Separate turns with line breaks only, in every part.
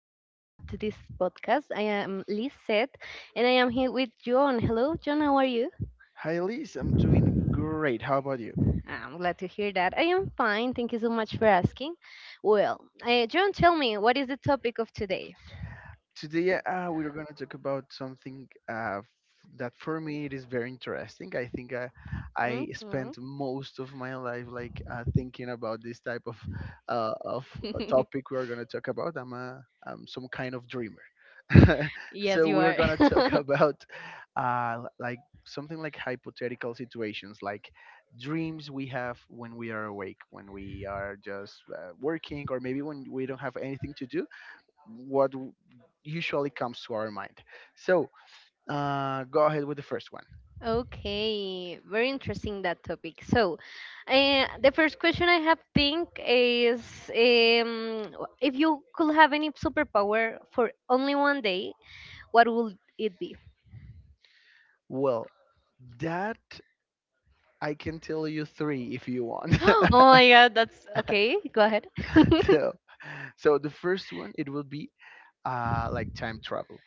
listening up to this podcast. I am Lisette and I am here with John. Hello, John. How are you?
Hi, Elise. I'm doing great. How about you?
I'm glad to hear that. I am fine. Thank you so much for asking. Well, John, tell me, what is the topic of today?
Today, we're going to talk about something that for me it is very interesting. I think I
Hmm.
spent most of my life like thinking about this type of uh, of topic we are going to talk about. I'm some kind of dreamer,
yes,
so
you
we're
are.
going to talk about like something like hypothetical situations, like dreams we have when we are awake, when we are just working, or maybe when we don't have anything to do what w- usually comes to our mind. So go ahead with the first one.
Okay, very interesting that topic. So, the first question I have think is if you could have any superpower for only one day, what would it be?
Well, that I can tell you three if you want.
oh my god, that's okay. Go ahead.
so so the first one it will be like time travel.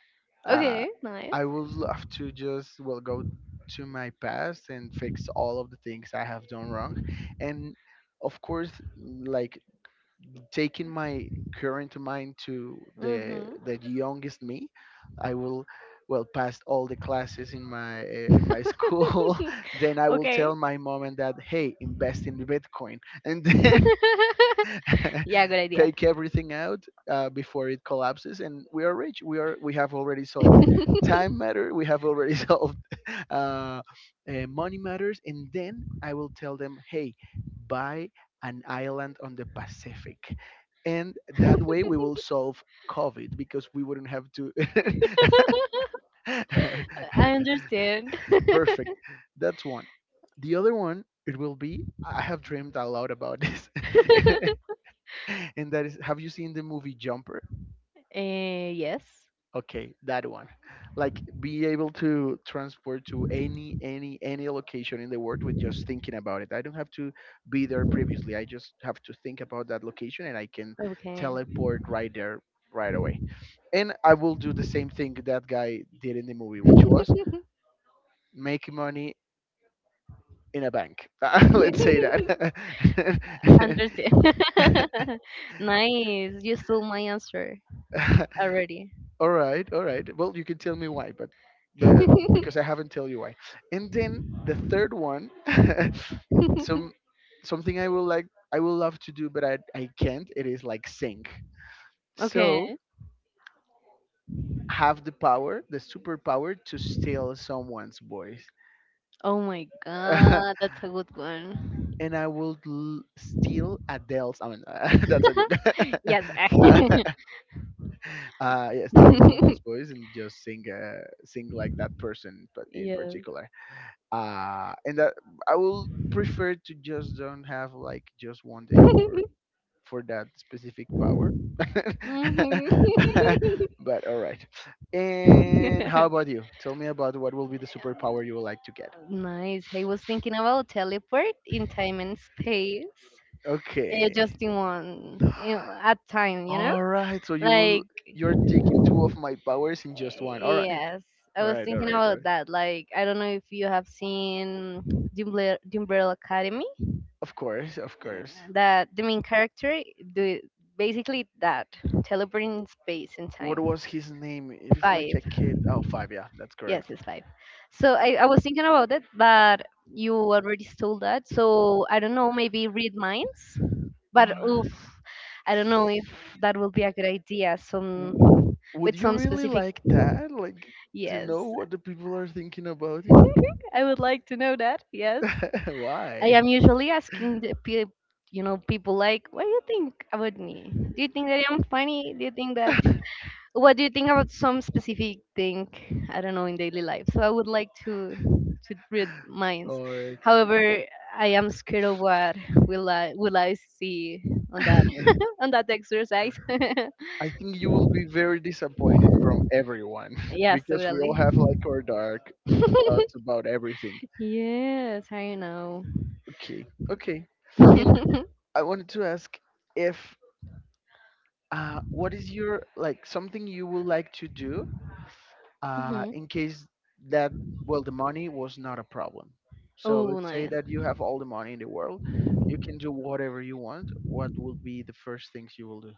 Uh,
okay, nice.
I would love to just well go to my past and fix all of the things I have done wrong, and of course like taking my current mind to the
Mm-hmm.
the youngest me. I will well pass all the classes in my school. Then I will tell my mom and dad, hey, invest in the bitcoin and then
yeah, good idea.
take everything out before it collapses and we are rich. We have already solved time matter. We have already solved uh, money matters, and then I will tell them, hey, buy an island on the Pacific, and that way we will solve COVID because we wouldn't have to.
I understand.
Perfect. That's one. The other one, it will be I have dreamed a lot about this, and that is, have you seen the movie Jumper?
Yes.
Okay, that one. Like be able to transport to any location in the world with just thinking about it. I don't have to be there previously. I just have to think about that location and I can
Okay.
teleport right there right away. And I will do the same thing that guy did in the movie, which was make money in a bank. Let's say that.
understand. nice. You stole my answer already.
All right, all right. Well, you can tell me why, but because I haven't tell you why. And then the third one, some something I will like, I will love to do, but I can't. It is like sing.
okay.
So have the power, the superpower to steal someone's voice.
Oh my god, that's a good one.
And steal Adele's. I mean, that's a
Yes.
joke. Yeah, steal someone's voice and just sing, sing like that person, but in
yes.
particular. And that I will prefer to just don't have like just one day for that specific power.
Mhm.
But all right, and how about you, tell me about what will be the superpower you would like to get.
Nice. I was thinking about teleport in time and space,
Okay,
just in one, at time, you know?
all right, so
Like,
you're taking two of my powers in just one. All right,
yes, I
all
was
right, all
thinking
right, all
about
right.
that. Like, I don't know if you have seen the Umbrella Academy.
Of course, of
Uh,
course.
that the main character do basically that teleporting in space and
What
time.
was his name? It is like a
Five.
kid. Oh, five. Yeah, that's
Yes,
correct.
it's five. So I was thinking about it, but you already stole that, so I don't know, maybe read minds.
Oh,
But oof, I don't know if that will be a good idea, some
w- would
with
you
some
really
specific.
like that? Like to
Yes.
know what the people are thinking about you?
I would like to know that, yes. I
Why?
am usually asking the pe- you know people like, what do you think about me? Do you think that I'm funny? Do you think that What do you think about some specific thing? I don't know, in daily life, so I would like to read minds.
All right.
However, I am scared of what will I will I see on that, on that exercise.
I think you will be very disappointed from everyone
yes,
because we
totally.
all have like our dark thoughts about everything.
Yes, I know.
Okay, okay. And I wanted to ask if what is your like something you would like to do
Mhm.
in case that well the money was not a problem. So
Oh,
let's say
nice.
that you have all the money in the world, you can do whatever you want. What would be the first things you will do?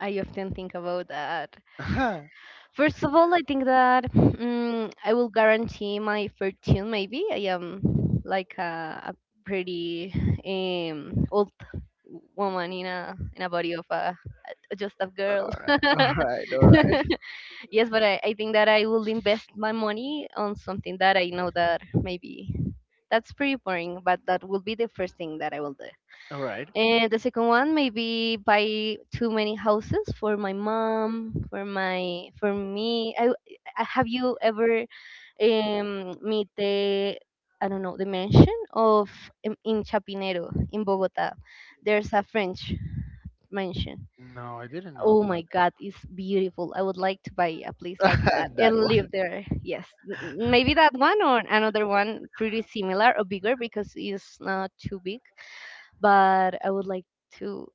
I often think about that.
All
First of all, I think that I will guarantee my fortune. Maybe I am like a pretty old woman in a body of a just a girl.
right, all right, all right,
yes, but I think that I will invest my money on something that I know that maybe that's pretty boring, but that will be the first thing that I will do.
all right.
And the second one, maybe buy too many houses for my mom, for me. Have you ever meet the, I don't know, the mansion of in Chapinero in Bogota? There's a French mansion.
No, I didn't know
Oh my
about
God, it's beautiful. I would like to buy a place like
that.
that and
That one.
live there. Yes, maybe that one or another one pretty similar or bigger because it's not too big. But I would like to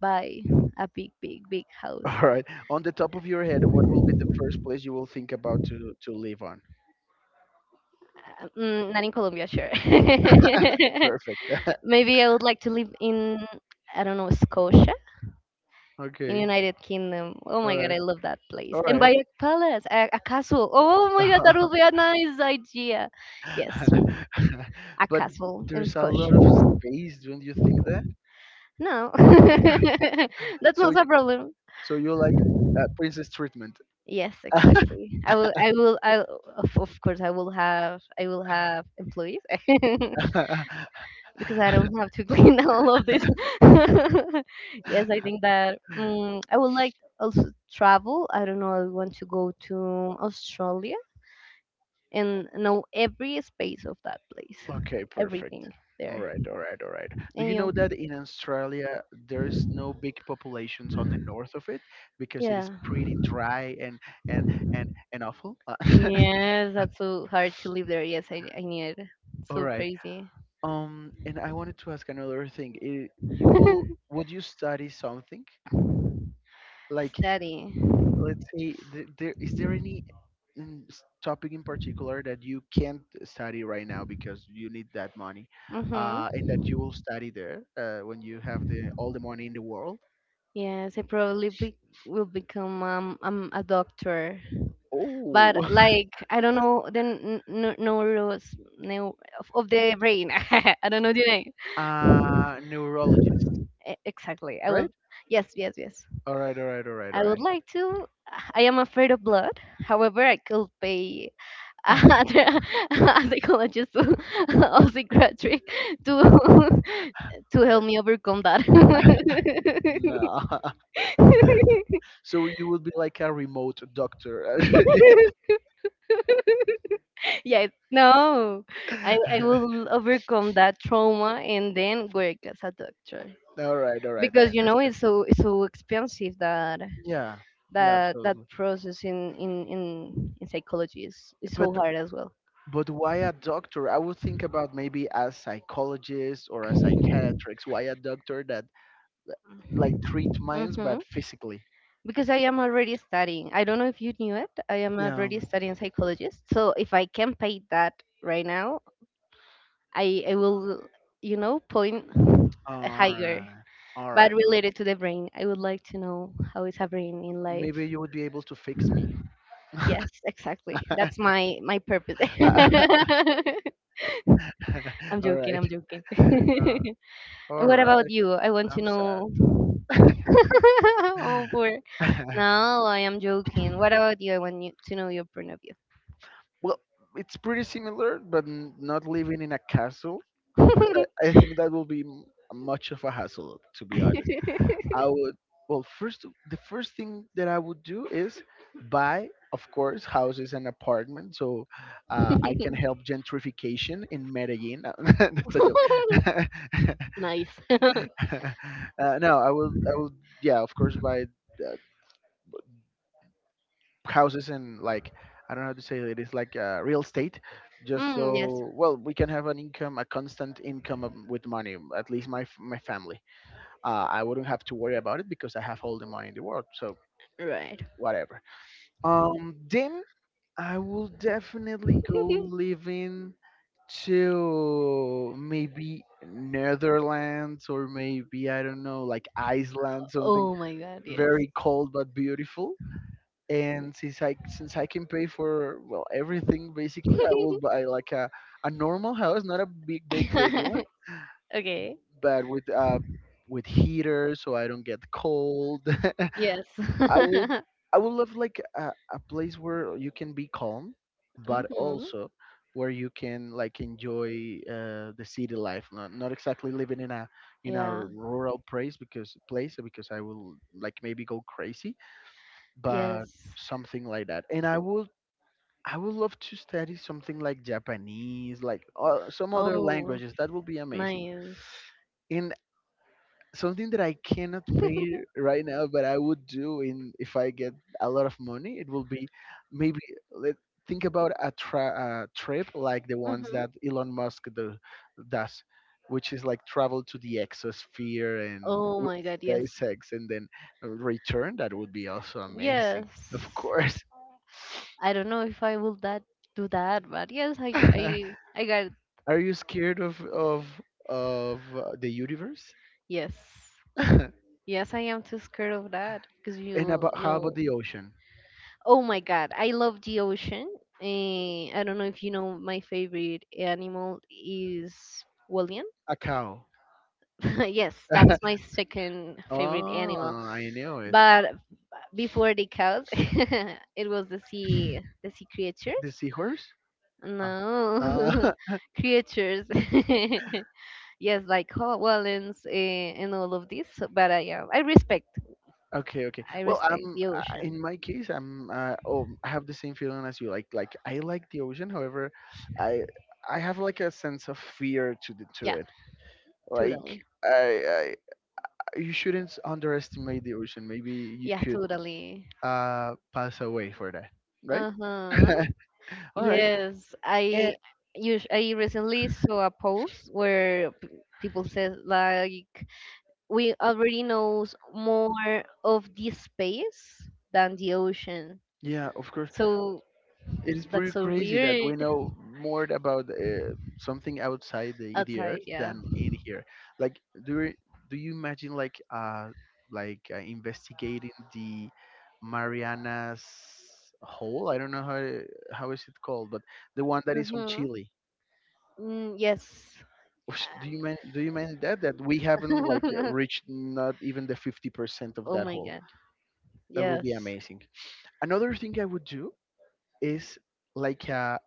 buy a big, big, big house.
All right, on the top of your head, what will be the first place you will think about to live on?
Not in Colombia, sure.
Perfect.
Maybe I would like to live in, I don't know, Scotia in
Okay,
United Kingdom. Oh
all
my god,
right,
I love that place.
all
And buy
right.
a palace, a castle. Oh my god, that would be a nice idea. Yes, a
But
castle in
there's a lot
Scotia.
of space, don't you think that?
No, that's
So,
not a problem.
so you like princess treatment?
Yes, exactly. I will. I will. I of course I will have. I will have employees. because I don't have to clean all of this. yes, I think that I would like also travel. I don't know. I want to go to Australia and know every space of that place,
Okay, perfect.
everything
All
there.
right, all right, all right. Do
And
you know
you?
that in Australia there's no big populations on the north of it because it is
Yeah.
pretty dry and and and awful?
Yes, that's so hard to live there. Yes, I knew it.
All
So
right.
crazy.
And I wanted to ask another thing. You will, would you study something? Like,
Study.
let's say, th there is there any topic in particular that you can't study right now because you need that money,
Mhm.
and that you will study there when you have the all the money in the world?
Yes, I probably will become a doctor, but
Oh,
like I don't know the neu- of the brain. I don't know the name.
neurologist,
Exactly. I will.
right?
Yes, yes, yes.
All right, all right, all right, all
I would
right.
like to. I am afraid of blood. However, I could pay a psychologist or psychiatric to to help me overcome that.
No, so you would be like a remote doctor.
Yeah, no, I will overcome that trauma and then work as a doctor
All right, I
because
understand.
it's so expensive that
Yeah, yeah,
that that
absolutely.
process in psychology is so
But
hard as well.
why a doctor? I would think about maybe a psychologist or a psychiatrist. Why a doctor that like treat minds but
Hmm.
physically?
Because I am already studying. I don't know if you knew it. I am
Yeah.
already studying psychologist. So if I can pay that right now, I will point
All
higher
right. All
but
right. All right.
related to the brain. I would like to know how is happening in life.
Maybe you would be able to fix me.
Yes, exactly. That's my purpose. I'm
All
joking.
right.
I'm joking.
Uh,
and
all
what about
right.
you? I want to
I'm
know. oh, poor.
sad.
No, I am joking. What about you? I want you to know your point of view.
Well, it's pretty similar, but not living in a castle because I think that will be much of a hassle, to be honest. I would, well, first, the first thing that I would do is buy, of course, houses and apartments so I can help gentrification in Medellin. That's a joke.
nice.
No, yeah, of course, buy. uh, Houses and like I don't know how to say it, is like real estate, just
Yes.
so well we can have an income, a constant income with money. At least my my family, I wouldn't have to worry about it because I have all the money in the world. So
Right.
whatever. Then I will definitely go living to maybe Netherlands or maybe I don't know like Iceland, something
oh my God. Yes.
very cold but beautiful. And since I can pay for well everything basically, I will buy like a normal house, not a big one,
okay.
but with heater so I don't get cold.
Yes.
I will I would love like a place where you can be calm, but
hmm
also where you can like enjoy the city life. Not exactly living in a
Yeah.
rural place because I will like maybe go crazy, but
Yes.
something like that. And I will. I would love to study something like Japanese, like some other
Oh,
languages. That would be amazing.
nice.
And something that I cannot pay right now, but I would do in if I get a lot of money, it will be maybe let think about a trip like the ones
Hmm.
that does, which is like travel to the exosphere and
Oh
with
my God. Yes.
SpaceX and then return. That would be also amazing,
Yes.
of course.
I don't know if I will that do that, but yes, I I I got.
Are you scared of the universe?
Yes.
And
Yes, I am too scared of that because you
about how
know.
about the ocean?
Oh my God, I love the ocean. Eh, I don't know if you know my favorite animal is William.
A cow.
Yes, that's my second favorite animal.
Oh, I know it.
But before the cows, it was the sea
The
creatures.
seahorse? Ah.
No,
Uh,
creatures. Yes, like whales and all of this. But I, yeah,
okay, okay.
I
Well,
respect
I'm
the
in
ocean.
my case, I'm oh, I have the same feeling as you. Like I like the ocean. However, I I have like a sense of fear to to
Yeah,
it. Like,
totally.
I, I, you shouldn't underestimate the ocean. Maybe you
Yeah,
could
totally.
pass away for that, right?
Uh-huh.
All right.
Yes,
And
I recently saw a post where people said like we already knows more of this space than the ocean.
yeah, of course,
So
it is
that's
pretty
so
crazy that we
weird.
know more about something outside the
Outside,
earth
yeah.
than in here. Like, do you, do you imagine like investigating the Marianas hole? I don't know how is it called, but the one that is on
Mm-hmm.
Chile.
Mm, yes.
Oosh, do you mean that that we haven't like reached not even the 50% of
Oh
that
my
hole?
god.
That will
Yes.
be amazing. Another thing I would do is like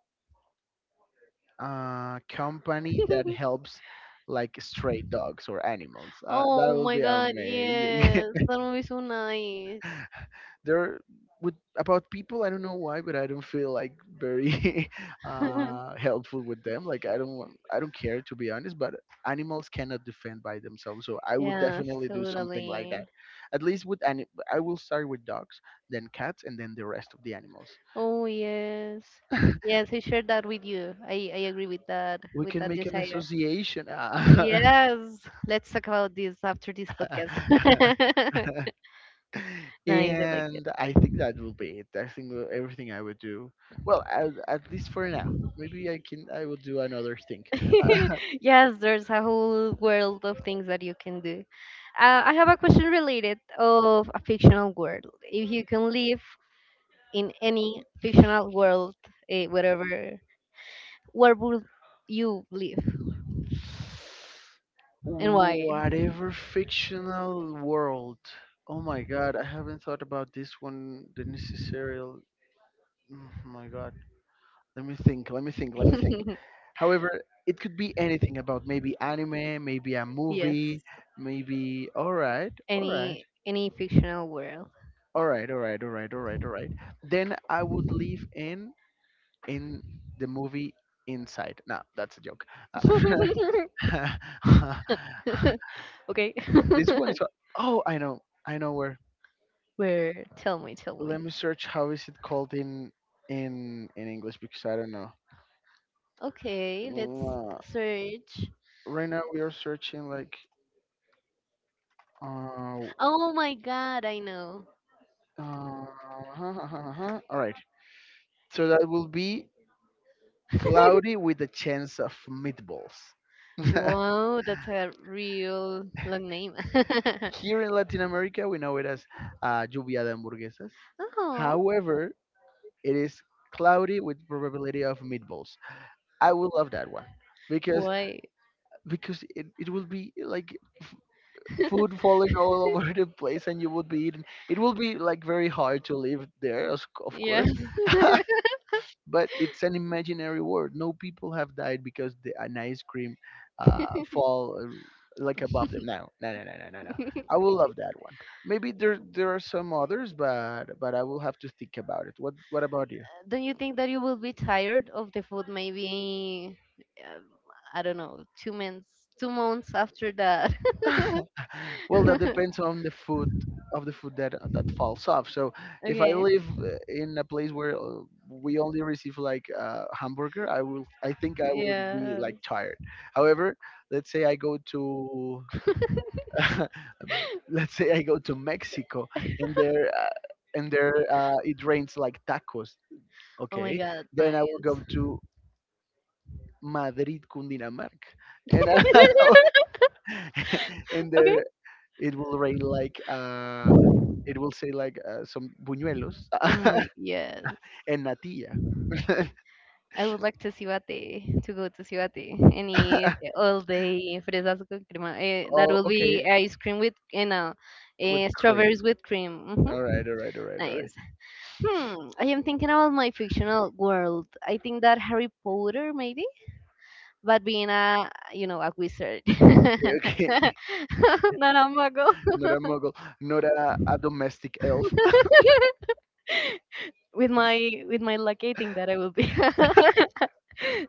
company that helps like stray dogs or animals. That
Oh
would
my
be
god,
amazing.
yes. That would be so nice.
There with about people, I don't know why, but I don't feel like very helpful with them. Like I don't care, to be honest. But animals cannot defend by themselves, so I will
Yes,
definitely do something like that.
totally.
At least I will start with dogs, then cats, and then the rest of the animals.
Oh yes. Yes, I share that with you. I agree with that
We
with
can
that
make an
desire.
association.
Yes. Let's talk about this after this podcast. Nice, I like
And I think that will be it. I think everything I would do. Well, at least for now. Maybe I can. I will do another thing.
it. Yes, there's a whole world of things that you can do. I have a question related of a fictional world. If you can live in any fictional world, eh, whatever, where would you live and why?
Whatever fictional world. Oh my god, I haven't thought about this one. The necessary. Oh my god. Let me think. Let me think. Let me think. However, it could be anything about maybe anime, maybe a
Yes.
movie, maybe. All right, all right,
Any fictional world.
all right, all right, all right, all right, All right. Then I would leave in the movie Inside. No, that's a joke. Uh,
okay.
this one is. Oh, I know where.
Where? Tell me, tell
Let
me.
me search. How is it called in English? Because I don't know.
Okay, let's
Uh,
search.
Right now we are searching like Uh,
Oh my god, I know.
uh, All right. So that will be Cloudy with a Chance of Meatballs.
Wow, that's a real long name.
Oh, here in Latin America, we know it as lluvia de hamburguesas.
oh,
However, it is cloudy with probability of meatballs. I will love that one because
why?
because it will be like food falling all over the place and you would be eating. It will be like very hard to live there, of
Yeah.
course. But it's an imaginary world. No people have died because an ice cream fall like above them. No, no, no, no, no, no, no. I will love that one. Maybe there are some others, but I will have to think about it. What about you?
Don't you think that you will be tired of the food maybe, um, I don't know, 2 months, 2 months after that?
Well, that depends on the food of the food that falls off. So if I
Okay.
live in a place where we only receive like hamburger, I think I will be
Yeah.
like tired. However, let's say I go to let's say I go to Mexico and there uh, and there it rains like tacos.
Oh my
Okay,
god,
then I will
nice.
go to Madrid, Cundinamarca, and and
Okay.
there it will rain like it will say like some buñuelos
Oh my, yes.
and natilla.
I would like to Cibate, to go to Cibate and eat all day fresas con crema. Eh, that
Oh,
will
okay,
be ice cream with, you know,
with
eh,
cream.
strawberries with cream.
All
Hmm.
right, all right, all right, all right.
Nice. Hmm, I am thinking about my fictional world. I think that Harry Potter maybe, but being a, you know, a wizard.
Okay, okay.
Not a muggle.
Not a muggle, not a domestic elf.
With my luck, I think that I will be.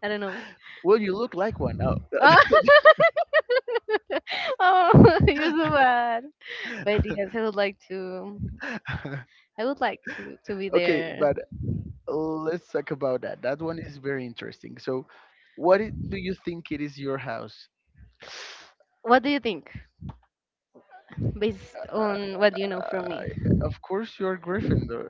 I don't know.
Well, you look like one. Oh.
oh, you're so bad. But yes, I would like to. I would like to be
Okay,
there.
but let's talk about that. That one is very interesting. So, do you think it is your house?
What do you think, based
Uh,
on what you know from me?
of course, you're Gryffindor.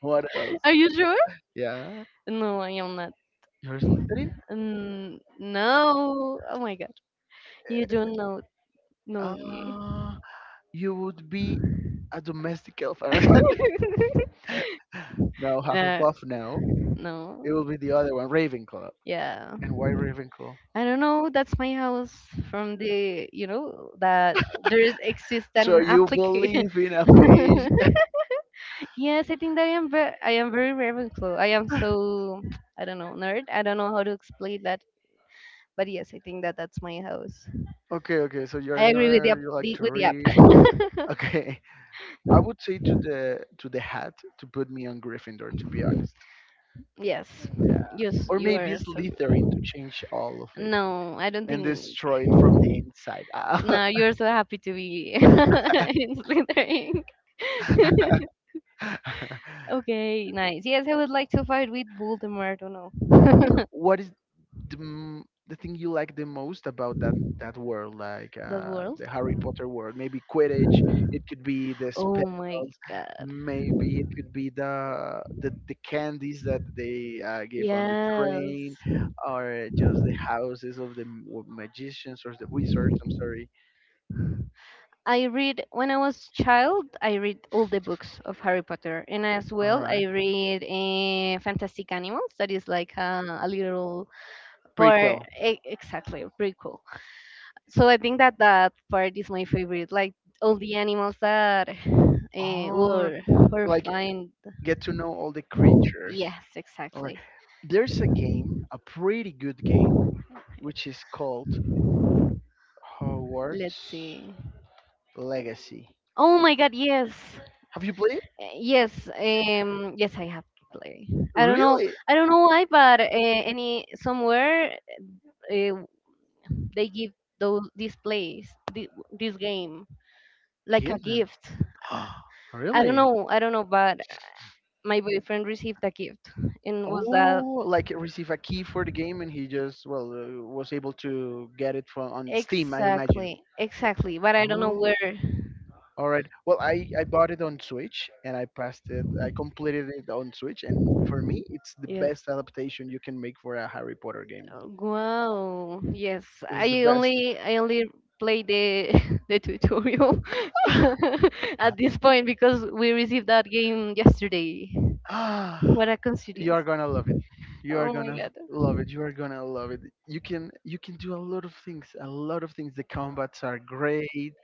What else?
Are you sure?
Yeah,
No, I am not.
you're Slytherin.
Mm, no. Oh my god, you don't know
Uh,
me.
uh, you would be a domestic elf. No,
uh,
Hufflepuff. No, it will
no.
be the other one, Ravenclaw.
Yeah.
And why Ravenclaw?
I don't know. That's my house from the you know that there is exists
So
an
you
application.
believe in a page?
Yes, I think that I am very Ravenclaw. I am so, I don't know, nerd. I don't know how to explain that, but yes, I think that that's my house.
Okay, okay. So you're a
I agree with the
nerd.
app,
You like
the,
to
with the app.
read. Okay. I would say to the hat to put me on Gryffindor, to be honest.
yes,
Yeah,
you
or
you
maybe
are so.
Slytherin to change all of it
No, I don't
and
think.
destroy it from the inside.
No, you're so happy to be in Slytherin.
And
okay, nice. Yes, I would like to fight with Voldemort. I don't know
what is the thing you like the most about that world, like
that world.
the Harry Potter world? Maybe Quidditch. It could be the
Oh
spells.
my god.
Maybe it could be the candies that they give on the train,
Yes.
or just the houses of the magicians or the wizards. I'm sorry.
I read when I was child. I read all the books of Harry Potter, and as
All
well, I
right.
read Fantastic Animals. That is like a little part,
Prequel.
exactly, pretty cool. So I think that that part is my favorite. Like all the animals that
Or
were
like
find.
get to know all the creatures.
Yes,
All right.
exactly.
There's a game, a pretty good game, which is called
Let's
Hogwarts
see.
Legacy.
Oh my God! Yes.
Have you played?
Yes, yes, I have to play. I don't know,
Really?
I don't know why, but any somewhere uh, they give those this place, this game, like a
Kidding.
gift.
Really?
I don't know, but my boyfriend received a gift, and was that
Oh, like receive a key for the game and he just well was able to get it from on Steam, I imagine.
exactly, exactly? But I don't know
Oh,
where.
all right. Well, I bought it on Switch and I passed it. I completed it on Switch, and for me, it's the
Yes.
best adaptation you can make for a Harry Potter game.
Oh, wow. Yes,
It's the
I
best.
only I only play the the tutorial at this point because we received that game yesterday.
Ah,
What a
you
coincidence.
are gonna love it. You are
Oh my
gonna
god.
love it. You are gonna love it. You can do a lot of things. A lot of things. The combats are great.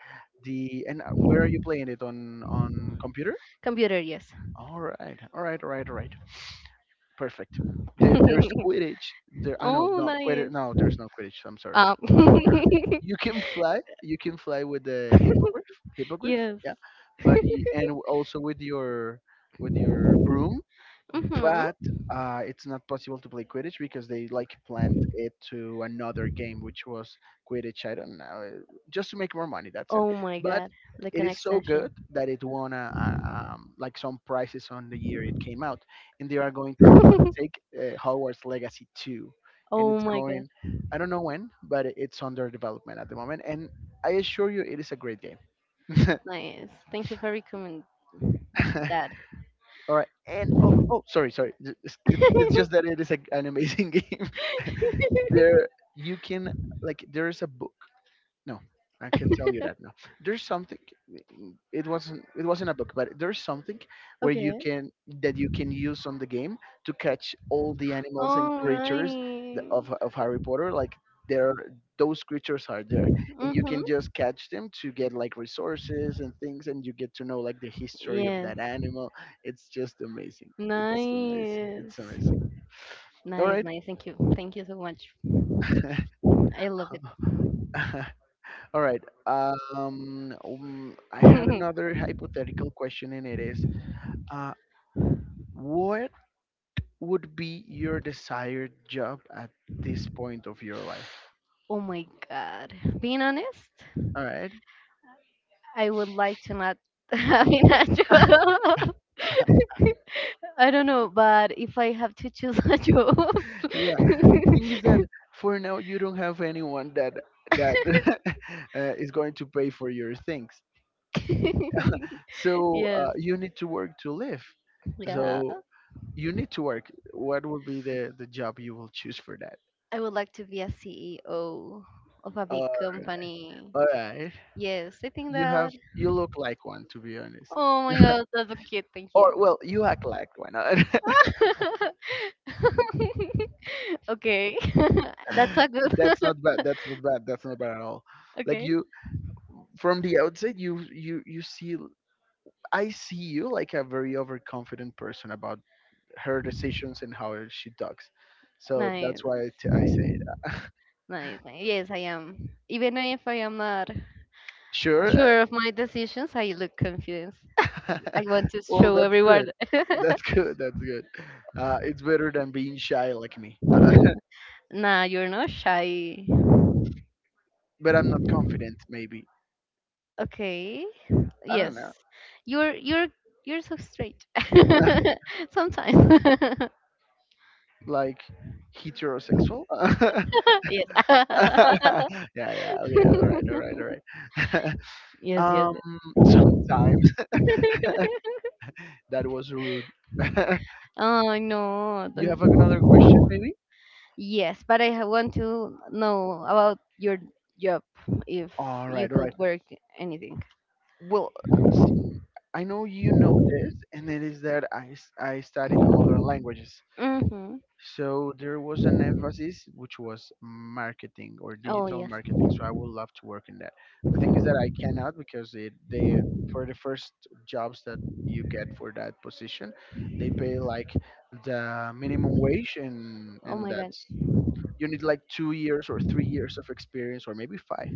The and where are you playing it on computer?
Computer, yes.
All right, all right, all right, all right. Perfect. There, there's Quidditch. There, I know,
Oh,
not Quidditch.
nice.
No, there's no Quidditch. I'm sorry.
Um,
You can fly. You can fly with the hippogriff. Hippogriff,
yes.
yeah. But you, and also with your broom
Mhm.
but it's not possible to play Quidditch because they like planned it to another game, which was Quidditch. I don't know, just to make more money. That's it.
Oh my
But
god. Like
it
an
is so good
extension.
that it won a, like some prizes on the year it came out, and they are going to take Hogwarts Legacy two, and
oh
it's
my god,
going. I don't know when, but it's under development at the moment, and I assure you, it is a great game.
nice. Thank you for recommending that.
All right, and oh, oh, sorry, sorry. It's, it's just that it is a, an amazing game. There you can, like, there is a book. No, I can tell you that no, there's something. It wasn't a book, but there's something where you
okay.
can that you can use on the game to catch all the animals and
Oh,
creatures
nice.
of Harry Potter. Like, there, those creatures are there, and you can
Mm-hmm.
just catch them to get like resources and things, and you get to know like the history of
Yes.
that animal. It's just amazing. It's
Nice.
amazing. All
Nice,
right.
nice. Thank you. Thank you so much. I love
All right. I had
it.
another hypothetical question, and it is, uh, what would be your desired job at this point of your life?
Oh my god. Being honest,
All right.
I would like to not have a job. I don't know, but if I have to choose a job,
Yeah. Thing is that for now you don't have anyone that that is going to pay for your things, so
yes,
you need to work to live.
yeah,
So you need to work. What would be the job you will choose for that?
I would like to be a CEO of a big
Uh,
company.
all right.
Yes, I think
You have
that.
you look like one to be honest.
Oh my god, that's so cute. Thank you.
Or well, you act like one.
Okay, that's a good.
That's not bad. That's not bad. That's not bad at all. Like
Okay.
you from the outside you see I see you like a very overconfident person about her decisions and how she talks. So
Nice.
that's why I say it.
Nice, nice. Yes, I am. Even if I am not
Sure.
sure of my decisions, I look confident.
uh,
I want to
well,
show
that's good.
everyone.
That's good. That's good. It's better than being shy like me.
Nah, you're not shy.
But I'm not confident. Maybe
Okay.
I don't
Yes.
know.
You're you're so straight. Sometimes.
Like heterosexual.
Yes.
Yeah, yeah, okay, all right, all right, all right.
Yes. Yes.
um,
Yes.
Sometimes that was rude.
Oh no!
You
Don't.
have like, another question, maybe?
Yes, but I want to know about your job if
All
you
right, all right.
could work anything.
Well, see, I know you know this, and it is that I studied modern languages.
Mm-hmm.
So there was an emphasis which was marketing or
Oh,
digital
yes.
marketing. So I would love to work in that. The thing is that I cannot because it they for the first jobs that you get for that position, they pay like the minimum wage and
Oh my God.
that's you need like 2 years or 3 years of experience or maybe five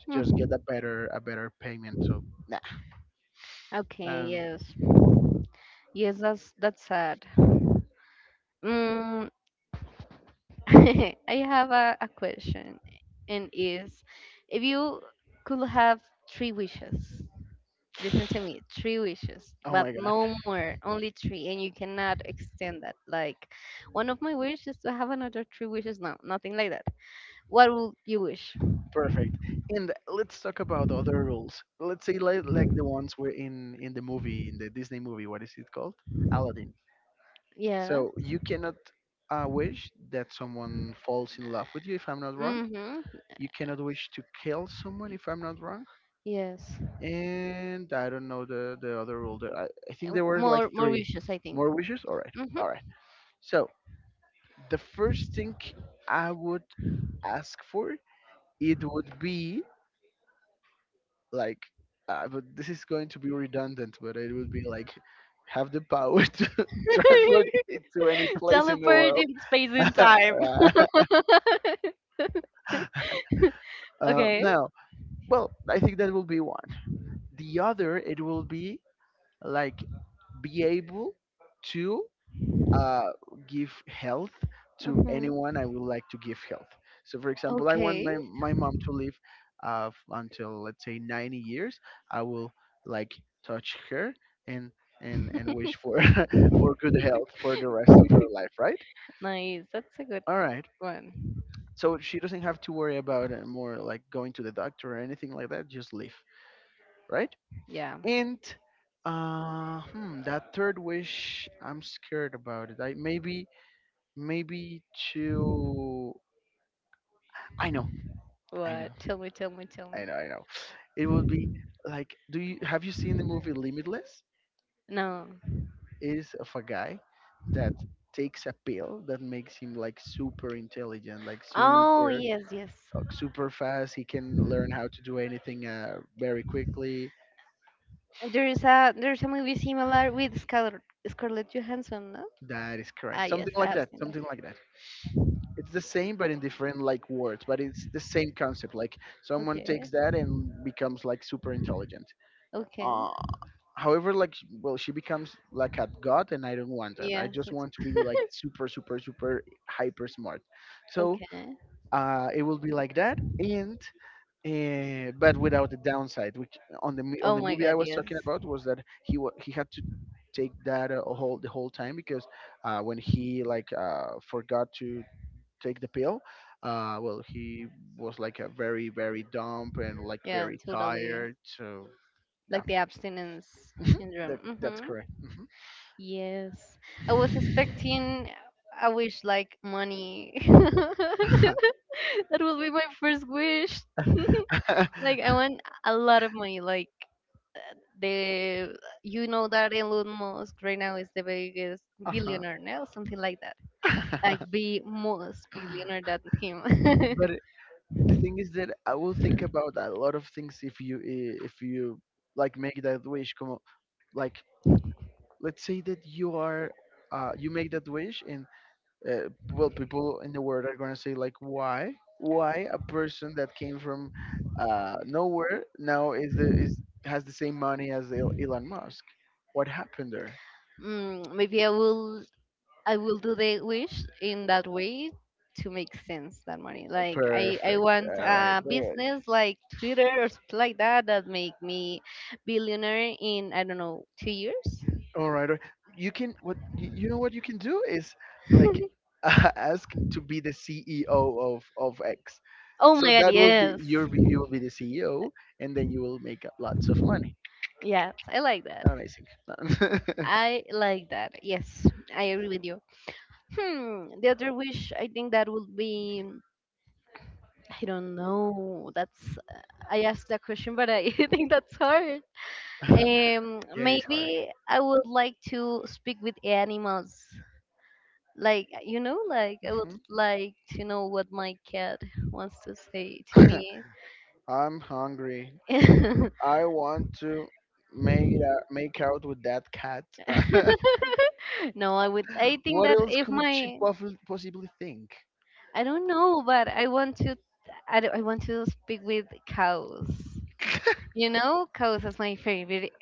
to just get
Hmm.
a better payment. So nah.
Okay,
Um,
yes. Yes, that's sad. Mm, I have a question, and is if you could have three wishes, listen to me, three wishes,
oh
but
my god.
no more, only three, and you cannot extend that. Like, one of my wishes is to have another three wishes. No, nothing like that. What would you wish?
Perfect. And let's talk about other rules. Let's say like the ones were in the movie, in the Disney movie. What is it called? Aladdin.
Yes.
So you cannot wish that someone falls in love with you, if I'm not wrong.
Mm-hmm.
You cannot wish to kill someone, if I'm not wrong.
Yes.
And I don't know the other rule. I think there were like
More, more
three
wishes, I think.
more wishes. All right,
Mm-hmm.
all right. So the first thing I would ask for, it would be like but this is going to be redundant, but it would be like have the power to transport it to any place in the
Teleport
world.
in space and
uh,
time. Okay.
Now, well, I think that will be one. The other it will be like be able to uh, give health to
Hmm.
anyone I would like to give health. So, for example, I want
Okay.
my, my mom to live until let's say 90 years. I will like touch her and wish for for good health for the rest of her life, right?
Nice. That's a good
All right.
one.
So she doesn't have to worry about more like going to the doctor or anything like that. Just live, right?
Yeah.
And hmm, that third wish, I'm scared about it. I maybe, maybe, to I know, I know,
What? Tell me.
I know. It would be like, do you have you seen the movie Limitless?
No.
It is of a guy that takes a pill that makes him like super intelligent, like
Oh,
super
yes, yes.
super fast. He can learn how to do anything very quickly.
There's a movie similar with Scarlett Johansson, no?
That is
Ah,
correct. Something
yes, I
like
have
that.
seen that.
Something like that. It's the same, but in different like words. But it's the same concept. Like someone takes
Okay.
that and becomes like super intelligent.
Okay.
Uh, However, like, sh- well, she becomes like a god and I don't want that. I
Yes.
just want to be like super super super hyper smart. So
Okay.
it will be like that, and but without the downside, which on on
Oh
the
my
movie I
God.
was
Yes.
talking about was that he he had to take that whole the whole time because when he like forgot to take the pill, well, he was like a very very dumb and like
Yeah.
very
Totally.
tired. So yeah.
Like the abstinence syndrome.
That, that's
Mm-hmm.
correct. Mm-hmm.
Yes. I was expecting. I wish like money.
uh-huh.
That will be my first wish. Like I want a lot of money. Like the, you know that Elon Musk right now is the biggest billionaire now, something like that. Like be most billionaire than him.
But the thing is that I will think about a lot of things if you like make that wish. Come on, like let's say that you are you make that wish, and well, people in the world are gonna say like, why a person that came from nowhere now is has the same money as Elon Musk? What happened there?
Mm, maybe I will do the wish in that way to make sense that money. Like I
Perfect.
want
All right.
a
All right.
business like Twitter or something like that that make me billionaire in I don't know 2 years.
All right. or- You can you know what you can do is like ask to be the CEO of X.
Oh
So
my god,
that will be
yes,
you will be the CEO, and then you will make lots of money.
yes, I like that.
Amazing.
I like that. Yes, I agree with you. Hmm, the other wish I think that would be I don't know. That's I asked that question, but I think that's hard.
Yeah, it is hard.
Maybe I would like to speak with animals. Like you know, like I would
Mhm.
like to know what my cat wants to say to me.
I'm hungry. I want to make make out with that cat.
No, I would. I think
What
that
else
if
could she
my
possibly think?
I don't know, but I want to. I, don't- I want to speak with cows. You know, cows is my favorite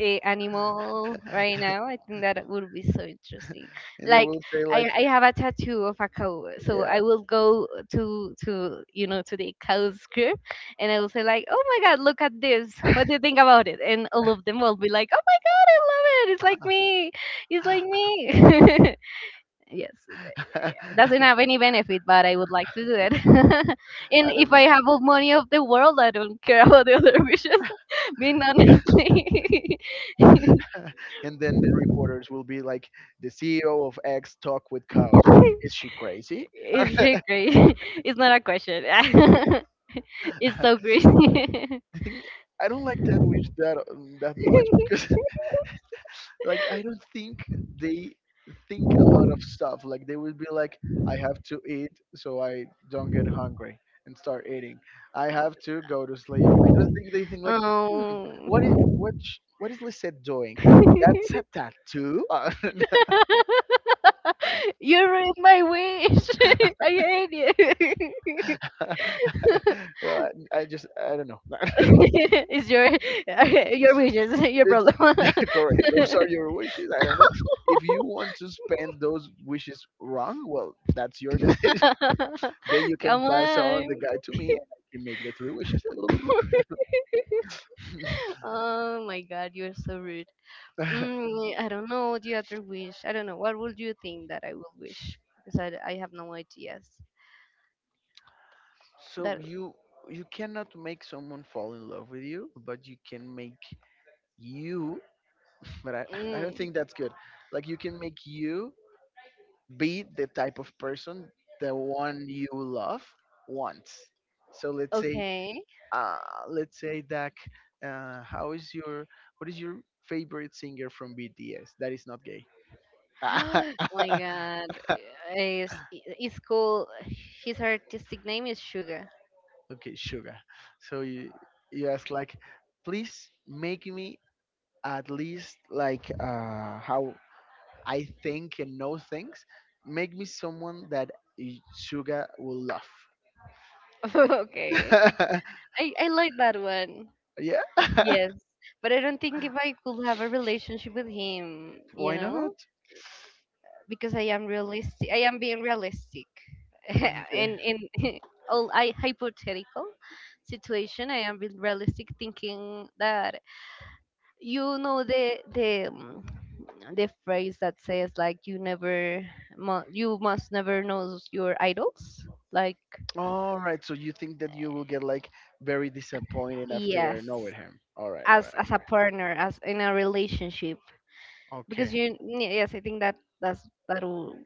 animal right now. I think that would be so interesting.
And they
Like,
will say like,
I have a tattoo of a cow, so
yeah,
I will go to you know to the cow's crib, and I will say like, "Oh my God, look at this! What do you think about it?" And all of them will be like, "Oh my God, I love it! It's like me! It's like me!" Yes. It doesn't have any benefit, but I would like to do it.
I
And
don't
if
know.
I have all money of the world, I don't care about the other wishes. Being honestly,
And then the reporters will be like, the CEO of X talk with cows. Is she crazy?
it's shit
I
great. It's not a question. It's so great.
think I don't like that wish that that much because like I don't think they think a lot of stuff. Like they would be like, I have to eat so I don't get hungry and start eating. I have to go to sleep. I don't think they think like, hmm,
um,
what is Lisette doing? That's a tattoo.
you ruined my wish. I hate you.
Well, I just I don't know.
It's your your wishes, your problem.
It's correct. Those are your wishes. I don't know. If you want to spend those wishes wrong, well, that's your decision. Then you can
Come
pass on
on.
the guy to me and I can make the three wishes.
Oh my god, you're so rude. Mm, I don't know the other wish. I don't know. What would you think that I will wish? Because I have no ideas.
So
That
you cannot make someone fall in love with you, but you can make you but I, I
mm,
don't think that's good. Like you can make you be the type of person the one you love wants. So
okay.
uh let's say that how is your what is your favorite singer from BTS that is not gay?
Oh my god. It's cool. His artistic name is Sugar.
Okay, sugar. So you ask like, please make me at least like how I think and know things. Make me someone that y- sugar will love.
Okay. I like that one.
Yeah.
Yes, but I don't think if I could have a relationship with him, you
Why
know,
not?
because I am realistic. I am being realistic,
Okay.
in all I hypothetical situation. I am being realistic, thinking that you know the the phrase that says like you never you must never know your idols. Like
All right. So you think that you will get like very disappointed after
yes,
knowing him? All right. All right.
as a partner, as in a relationship because
Okay.
you yeah, yes I think that that will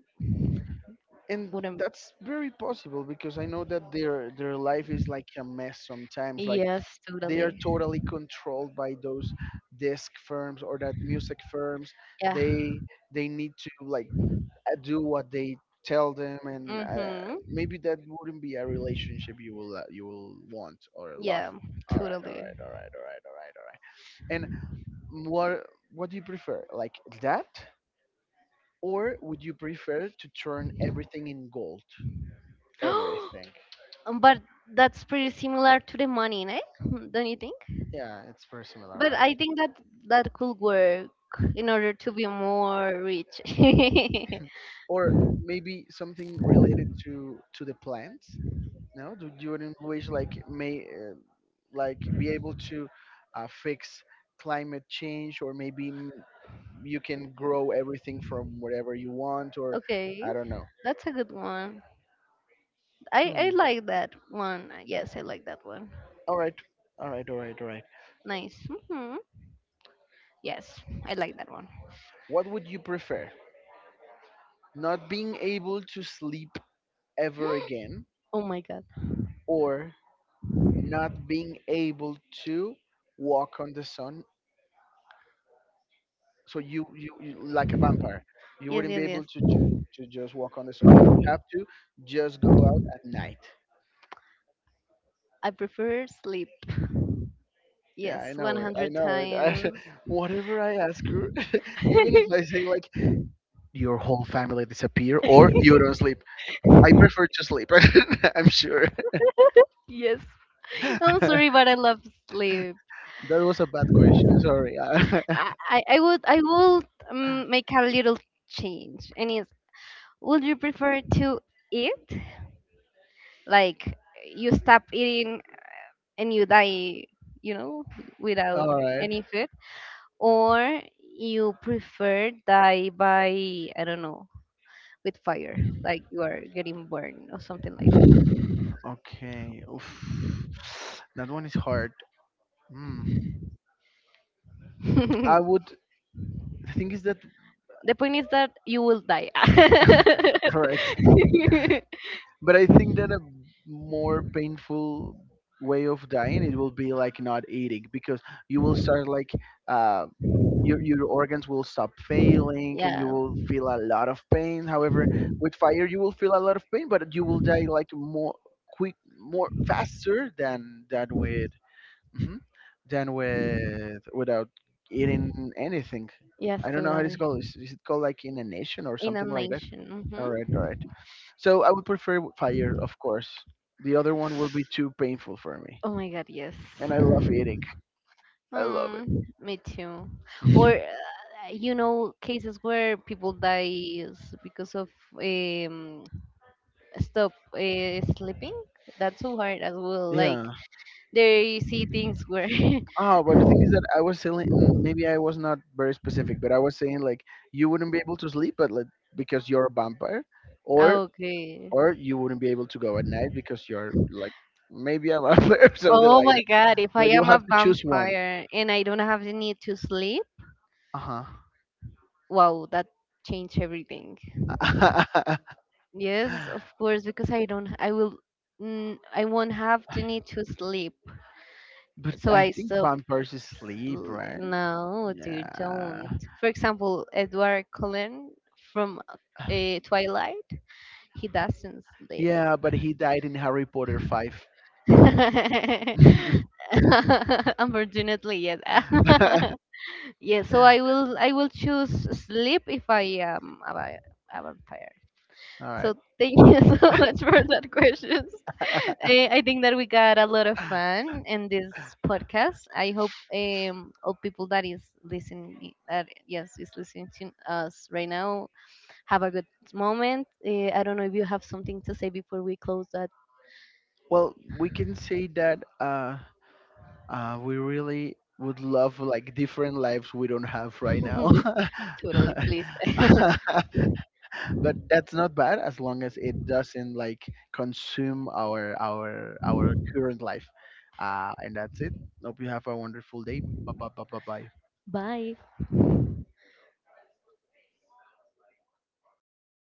And
wouldn't.
that's very possible because I know that their life is like a mess sometimes. Like
Yes,
they
totally.
are totally controlled by those disc firms or that music firms
Yeah.
they they need to like do what they tell them and
Mm-hmm.
maybe that wouldn't be a relationship you will want or love.
Yeah,
All right, all
totally.
right, all right, all right, all right, all right. And what do you prefer like that or would you prefer to turn everything in gold, everything?
But that's pretty similar to the money, eh? Don't you think?
Yeah, it's very similar,
But I
right?
think that that could work in order to be more rich.
Or maybe something related to the plants? No, do your employees like may like be able to fix climate change? Or maybe mm, you can grow everything from whatever you want, or
Okay,
I don't know.
that's a good one. i
Hmm.
i like that one, yes, I like that one.
All right, all right, all right, all right.
Nice. Hmm. Yes, I like that one.
What would you prefer, not being able to sleep ever again
Oh my god.
or not being able to walk on the sun? So you, you like a vampire, you
Yes,
wouldn't be
yes, yes.
able to to just walk on the sun. You would have to just go out at night.
I prefer sleep.
Yeah, I
Yes,
know it. I
100
know it. I,
times.
whatever I ask her, even if I say like your whole family disappear or you don't sleep, I prefer to sleep. I'm sure.
Yes. I'm
That
sorry, but I love sleep.
was a bad question. Sorry.
I would make a little change, and is would you prefer to eat like you stop eating and you die, you know, without
All right.
any food? Or you prefer die by I don't know with fire, like you are getting burned or something like that.
Okay. Oof. That one is hard. Mm. I would. The thing is that
The point is that you will die.
correct. But I think that a more painful way of dying it will be like not eating, because you will start like uh, your organs will stop failing and you
Yeah.
will feel a lot of pain. However, with fire you will feel a lot of pain, but you will die like more quick, more faster than with Mhm. than with without eating anything.
Yes,
I don't know how it's
totally.
called. Is it called like inanition or
In a
something like that?
nation.
All right,
Hmm.
all right. So I would prefer w- fire, of course. The other one will be too painful for me.
Oh my God, yes.
And I love eating. I love
Mm, me too. Or
it.
you know cases where people dies because of um, stop sleeping, that's so hard as well like
Yeah.
they see things where
Oh, but the thing is that I was saying mm, maybe I was not very specific, but I was saying like you wouldn't be able to sleep but like, because you're a vampire, or
okay,
or you wouldn't be able to go at night because you're like maybe a vampire or something
oh
like
my
that.
god, if I
But you
am a
have to choose one.
vampire and I don't have the need to sleep,
Uh
wow, that changed everything.
huh.
Yes, of course, because I will mm, I won't have the need to sleep,
But
so
I
I
think
stop.
vampires sleep, right?
No dude,
Yeah.
don't. For example, Edward Cullen from Twilight. He doesn't sleep.
Yeah, but he died in Harry Potter 5.
But unfortunately, yes. Yeah, so I will choose sleep if I am a vampire.
All right.
So thank you so much for that questions. I think that we got a lot of fun in this podcast. I hope all people that is listening that yes is listening to us right now have a good moment. I don't know if you have something to say before we close that.
Well, we can say that we really would love like different lives we don't have right now.
Totally, please.
But that's not bad as long as it doesn't like consume our current life. And that's it. Hope you have a wonderful day. Bye bye bye bye bye.
Bye.